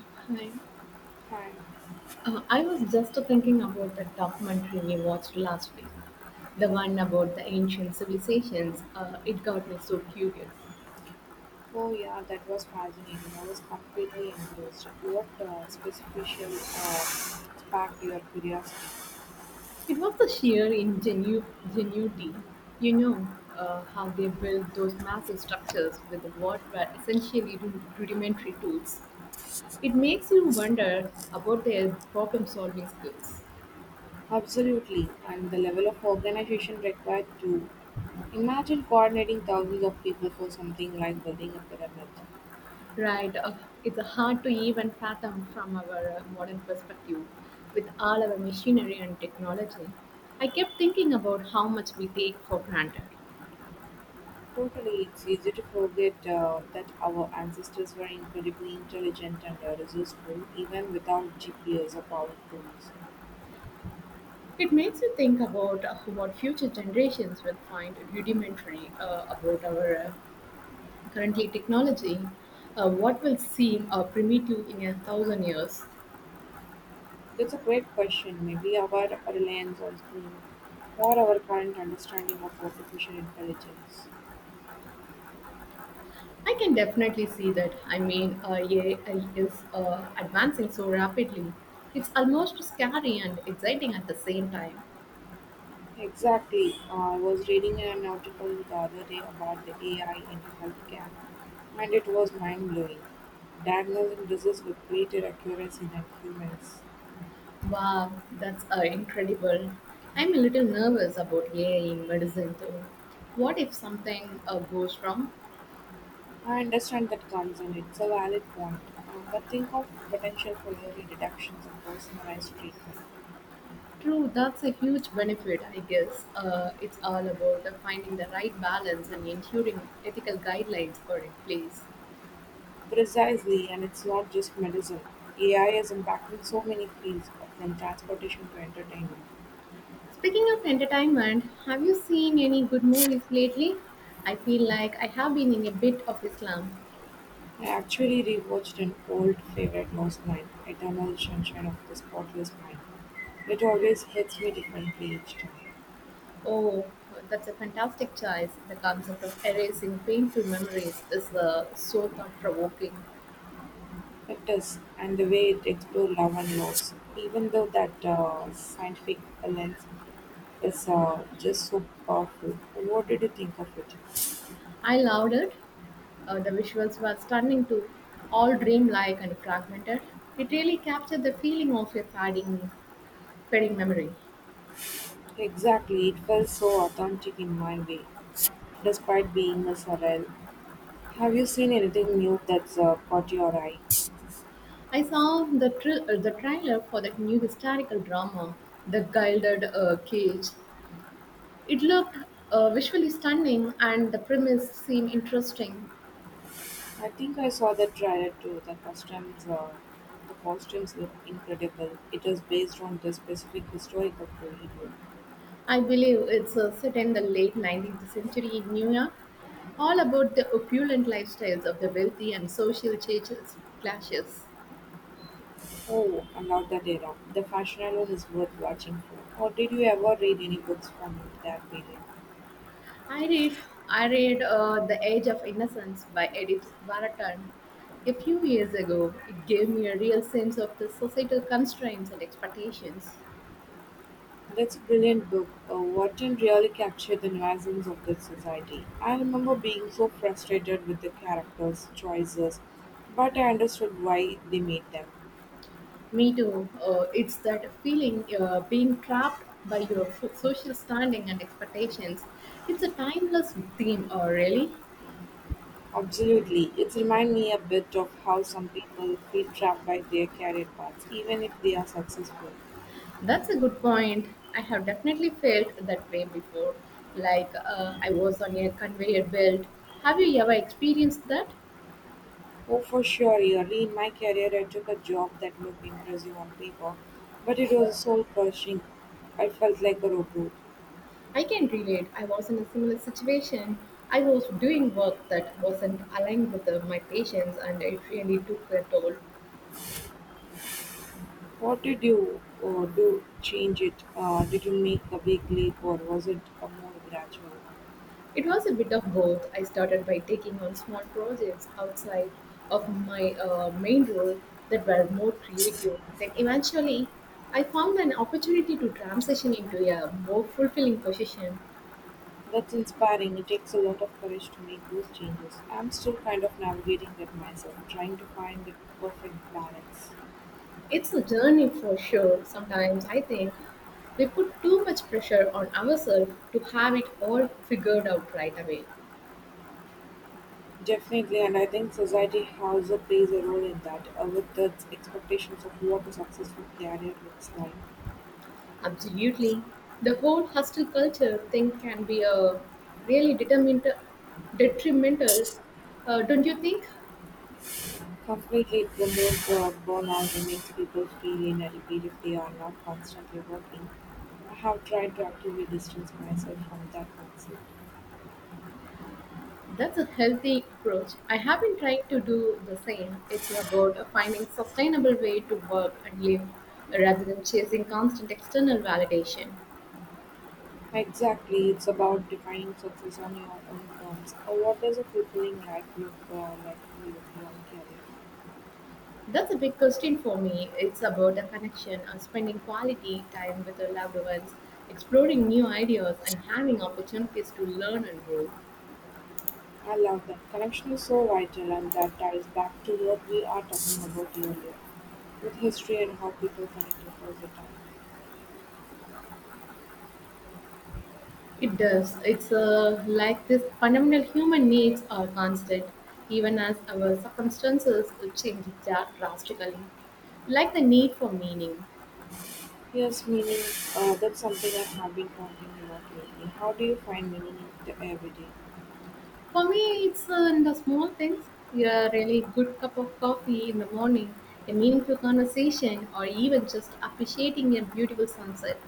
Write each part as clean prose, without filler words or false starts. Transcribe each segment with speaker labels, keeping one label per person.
Speaker 1: Hi.
Speaker 2: Fine.
Speaker 1: I was just thinking about the documentary we watched last week, the one about the ancient civilizations. It got me so curious.
Speaker 2: Oh yeah, that was fascinating. I was completely engrossed. What special sparked your curiosity?
Speaker 1: It was the sheer ingenuity, you know, how they built those massive structures with what were essentially rudimentary tools. It makes you wonder about their problem solving skills.
Speaker 2: Absolutely, and the level of organization required to imagine coordinating thousands of people for something like building a pyramid.
Speaker 1: Right. It's hard to even fathom from our modern perspective with all our machinery and technology. I kept thinking about how much we take for granted.
Speaker 2: Totally, it's easy to forget that our ancestors were incredibly intelligent and resourceful, even without GPS or power tools.
Speaker 1: It makes you think about what future generations will find rudimentary about our currently technology, what will seem primitive in a thousand years.
Speaker 2: That's a great question. Maybe our reliance on screen or our current understanding of artificial intelligence.
Speaker 1: I can definitely see that. I mean, AI is advancing so rapidly. It's almost scary and exciting at the same time.
Speaker 2: Exactly. I was reading an article the other day about the AI in healthcare, and it was mind blowing. Diagnosing disease with greater accuracy than humans.
Speaker 1: Wow, that's incredible. I'm a little nervous about AI in medicine though. What if something goes wrong?
Speaker 2: I understand that concern, it's a valid point, but think of potential for early detections and personalized treatment.
Speaker 1: True, that's a huge benefit, I guess. It's all about finding the right balance and ensuring ethical guidelines are in place.
Speaker 2: Precisely, and it's not just medicine. AI is impacting so many fields, from transportation to entertainment.
Speaker 1: Speaking of entertainment, have you seen any good movies lately? I feel like I have been in a bit of a slump.
Speaker 2: I actually rewatched an old favorite last night, Eternal Sunshine of the Spotless Mind. It always hits me differently each time.
Speaker 1: Oh, that's a fantastic choice. The concept of erasing painful memories is so thought provoking.
Speaker 2: It does, and the way it explores love and loss, even though that scientific lens is just so powerful. What did you think of it?
Speaker 1: I loved it. The visuals were stunning too, all dreamlike and fragmented. It really captured the feeling of a fading memory.
Speaker 2: Exactly, it felt so authentic in my way, despite being a surreal. Have you seen anything new that's caught your eye?
Speaker 1: I saw the, the trailer for that new historical drama, The Gilded Cage. It looked visually stunning and the premise seemed interesting.
Speaker 2: I think I saw the trailer too. The costumes, the costumes look incredible. It was based on the specific historical period.
Speaker 1: I believe it's set in the late 19th century in New York, all about the opulent lifestyles of the wealthy and social changes, clashes.
Speaker 2: Oh, I love that era. The fashion alone is worth watching for. Or did you ever read any books from that period?
Speaker 1: I read, I read The Age of Innocence by Edith Wharton a few years ago. It gave me a real sense of the societal constraints and expectations.
Speaker 2: That's a brilliant book. Wharton really captured the nuances of the society. I remember being so frustrated with the characters' choices, but I understood why they made them.
Speaker 1: Me too. It's that feeling being trapped by your social standing and expectations. It's a timeless theme, really.
Speaker 2: Absolutely. It reminds me a bit of how some people feel trapped by their career paths, even if they are successful.
Speaker 1: That's a good point. I have definitely felt that way before. Like I was on a conveyor belt. Have you ever experienced that?
Speaker 2: Oh, for sure, early in my career, I took a job that looked impressive on paper, but it was soul crushing. I felt like a robot.
Speaker 1: I can relate. I was in a similar situation. I was doing work that wasn't aligned with my patients, and it really took a toll.
Speaker 2: What did you do change it? Did you make a big leap or was it a more gradual?
Speaker 1: It was a bit of both. I started by taking on small projects outside of my main role that were more creative. Then eventually, I found an opportunity to transition into a more fulfilling position.
Speaker 2: That's inspiring. It takes a lot of courage to make those changes. I'm still kind of navigating that myself, trying to find the perfect balance.
Speaker 1: It's a journey for sure. Sometimes I think we put too much pressure on ourselves to have it all figured out right away.
Speaker 2: Definitely, and I think society also plays a role in that, with its expectations of what a successful career looks like.
Speaker 1: Absolutely. The whole hustle culture thing can be a really detrimental, don't you think?
Speaker 2: Completely it promotes burnout and makes people feel inadequate if they are not constantly working. I have tried to actively distance myself from that mindset.
Speaker 1: That's a healthy approach. I have been trying to do the same. It's about finding sustainable way to work and live rather than chasing constant external validation.
Speaker 2: Exactly, it's about defining success on your own terms. What does a fulfilling life look like for you beyond career?
Speaker 1: That's a big question for me. It's about a connection and spending quality time with your loved ones, exploring new ideas and having opportunities to learn and grow.
Speaker 2: I love that. Connection is so vital, and that ties back to what we are talking about earlier with history and how people connect across the time.
Speaker 1: It does. It's like this fundamental human needs are constant, even as our circumstances change drastically. Like the need for meaning.
Speaker 2: Yes, meaning that's something I have been pondering a lot lately. How do you find meaning in the everyday?
Speaker 1: For me, it's in the small things. A really good cup of coffee in the morning, a meaningful conversation, or even just appreciating a beautiful sunset.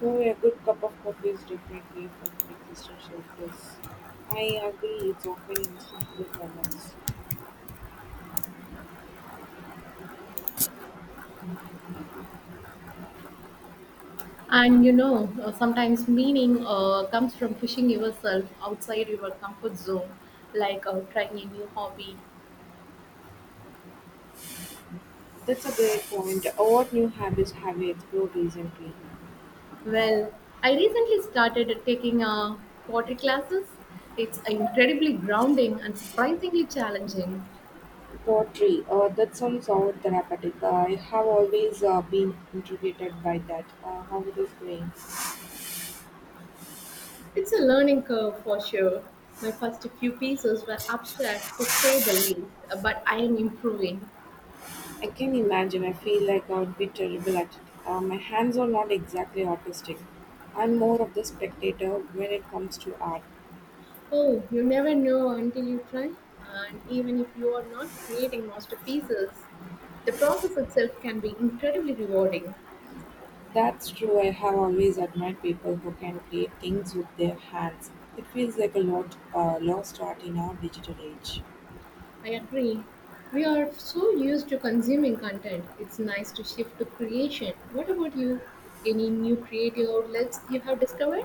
Speaker 2: Maybe a good cup of coffee is differently from an existential bliss. I agree, it's often in simple moments.
Speaker 1: And you know, sometimes meaning comes from pushing yourself outside your comfort zone, like trying a new hobby.
Speaker 2: That's a great point. What new habits have you explored recently?
Speaker 1: Well, I recently started taking pottery classes. It's incredibly grounding and surprisingly challenging.
Speaker 2: Pottery, that sounds so therapeutic. I have always been intrigued by that. How it is going?
Speaker 1: It's a learning curve for sure. My first few pieces were abstract to say the least, but I am improving.
Speaker 2: I can imagine. I feel like I would be terrible at it. My hands are not exactly artistic. I'm more of the spectator when it comes to art.
Speaker 1: Oh, you never know until you try. And even if you are not creating masterpieces, the process itself can be incredibly rewarding.
Speaker 2: That's true. I have always admired people who can create things with their hands. It feels like a lot lost art in our digital age.
Speaker 1: I agree. We are so used to consuming content. It's nice to shift to creation. What about you? Any new creative outlets you have discovered?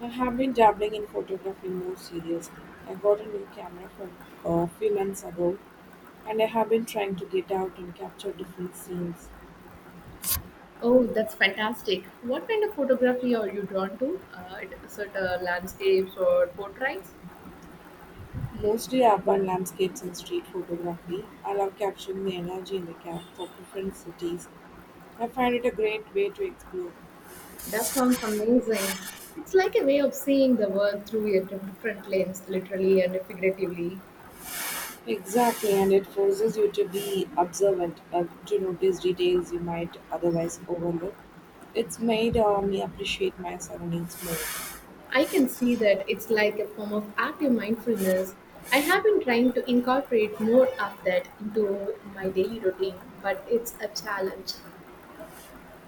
Speaker 2: I have been dabbling in photography more seriously. I got a new camera for a few months ago, and I have been trying to get out and capture different scenes,
Speaker 1: Oh, that's fantastic. What kind of photography are you drawn to? Certain landscapes or portraits?
Speaker 2: mostly urban landscapes and street photography. I love capturing the energy in the camps of different cities. I find it a great way to explore.
Speaker 1: That sounds amazing. It's like a way of seeing the world through a different lens, literally and figuratively.
Speaker 2: Exactly, and it forces you to be observant, to notice details you might otherwise overlook. It's made me appreciate my surroundings more.
Speaker 1: I can see that it's like a form of active mindfulness. I have been trying to incorporate more of that into my daily routine, but it's a challenge.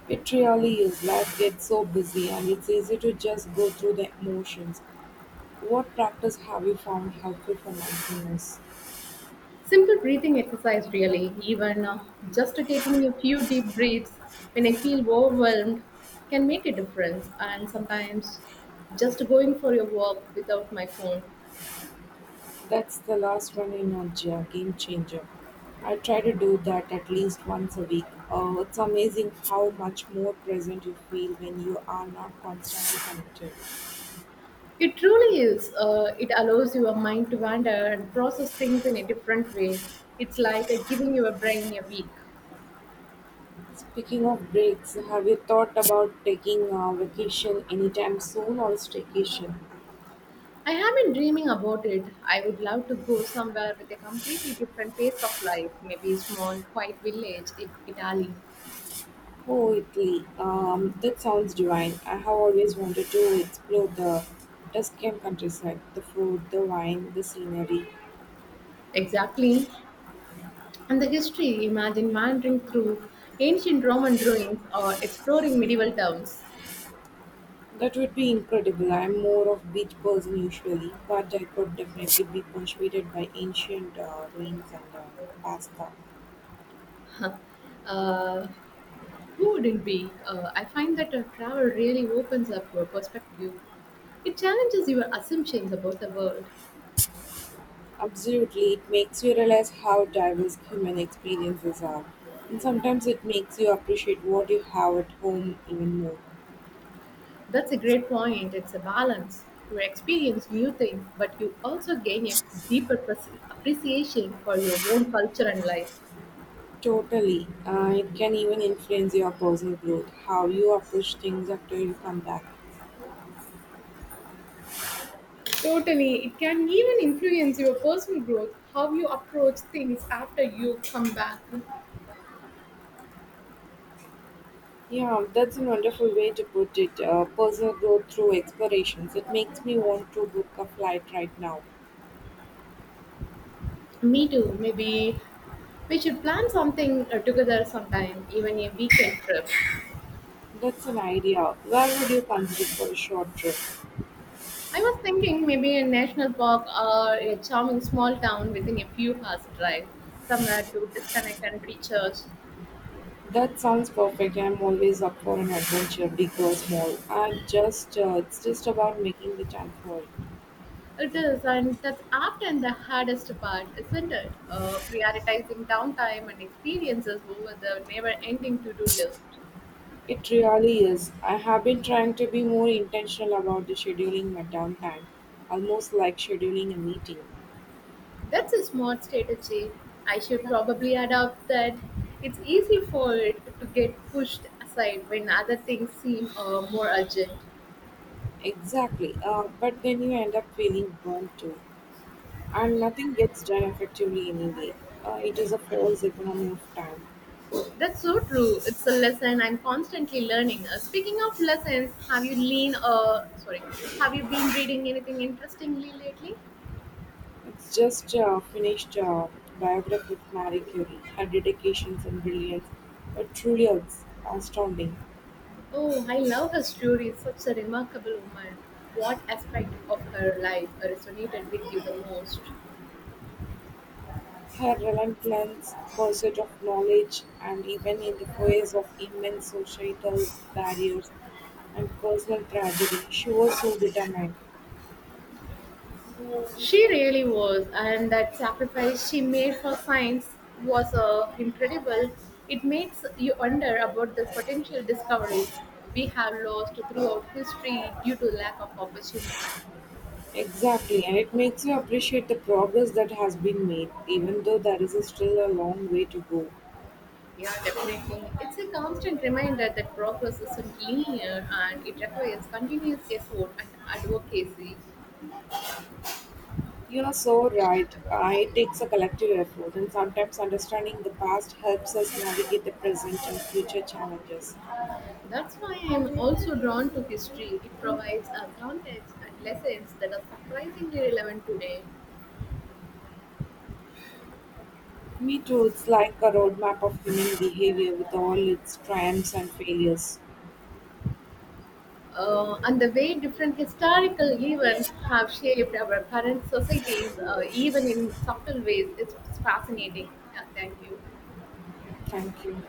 Speaker 2: It really is. Life gets so busy and it's easy to just go through the motions. What practice have you found helpful for mindfulness?
Speaker 1: Simple breathing exercise, really, even just taking a few deep breaths when I feel overwhelmed can make a difference. And sometimes just going for a walk without my phone.
Speaker 2: That's the last one in our game changer. I try to do that at least once a week. It's amazing how much more present you feel when you are not constantly connected.
Speaker 1: It truly is. It allows your mind to wander and process things in a different way. It's like giving your brain a week.
Speaker 2: Speaking of breaks, have you thought about taking a vacation anytime soon or staycation?
Speaker 1: I have been dreaming about it. I would love to go somewhere with a completely different pace of life, maybe a small, quiet village in Italy.
Speaker 2: Oh, Italy. That sounds divine. I have always wanted to explore the Tuscan countryside, the food, the wine, the scenery.
Speaker 1: Exactly. And the history imagine wandering through ancient Roman ruins or exploring medieval towns.
Speaker 2: That would be incredible. I'm more of beach person usually, but I could definitely be persuaded by ancient ruins and pasta.
Speaker 1: uh, who wouldn't be? I find that travel really opens up your perspective. It challenges your assumptions about the world.
Speaker 2: Absolutely, it makes you realize how diverse human experiences are, and sometimes it makes you appreciate what you have at home even more.
Speaker 1: That's a great point. It's a balance. You experience new things, but you also gain a deeper appreciation for your own culture and life.
Speaker 2: Totally. It can even influence your personal growth, how you approach things after you come back.
Speaker 1: Totally. It can even influence your personal growth, how you approach things after you come back.
Speaker 2: Yeah, that's a wonderful way to put it. Personal growth through explorations. It makes me want to book a flight right now.
Speaker 1: Me too. Maybe we should plan something together sometime, even a weekend trip.
Speaker 2: That's an idea. Where would you consider for a short trip?
Speaker 1: I was thinking maybe a national park or a charming small town within a few hours drive, somewhere to disconnect and recharge.
Speaker 2: That sounds perfect. I'm always up for an adventure, big or small. It's just about making the time for it.
Speaker 1: It is, and that's often the hardest part, isn't it? Prioritizing downtime and experiences over the never ending to do list.
Speaker 2: It really is. I have been trying to be more intentional about the scheduling my downtime, almost like scheduling a meeting.
Speaker 1: That's a smart strategy. I should probably adopt that. It's easy for it to get pushed aside when other things seem more urgent.
Speaker 2: Exactly. But then you end up feeling burnt too, and nothing gets done effectively anyway. It is a false economy of time.
Speaker 1: That's so true. It's a lesson I'm constantly learning. Speaking of lessons, have you been reading anything interestingly lately?
Speaker 2: It's just finished biography of Marie Curie. Her dedications and brilliance are truly astounding.
Speaker 1: Oh, I love her story. Such a remarkable woman. What aspect of her life resonated with you the most?
Speaker 2: Her relentless pursuit of knowledge, and even in the face of immense societal barriers and personal tragedy, she was so determined.
Speaker 1: She really was, and that sacrifice she made for science was incredible. It makes you wonder about the potential discoveries we have lost throughout history due to lack of opportunity.
Speaker 2: Exactly, and it makes you appreciate the progress that has been made, even though there is still a long way to go.
Speaker 1: Yeah, definitely. It's a constant reminder that progress isn't linear and it requires continuous effort and advocacy.
Speaker 2: You are so right. It takes a collective effort, and sometimes understanding the past helps us navigate the present and future challenges.
Speaker 1: That's why I am also drawn to history. It provides a context and lessons that are surprisingly relevant today,
Speaker 2: Me too, it's like a roadmap of human behavior with all its triumphs and failures.
Speaker 1: and the way different historical events have shaped our current societies, even in subtle ways, it's fascinating. Yeah, thank you.
Speaker 2: Thank you.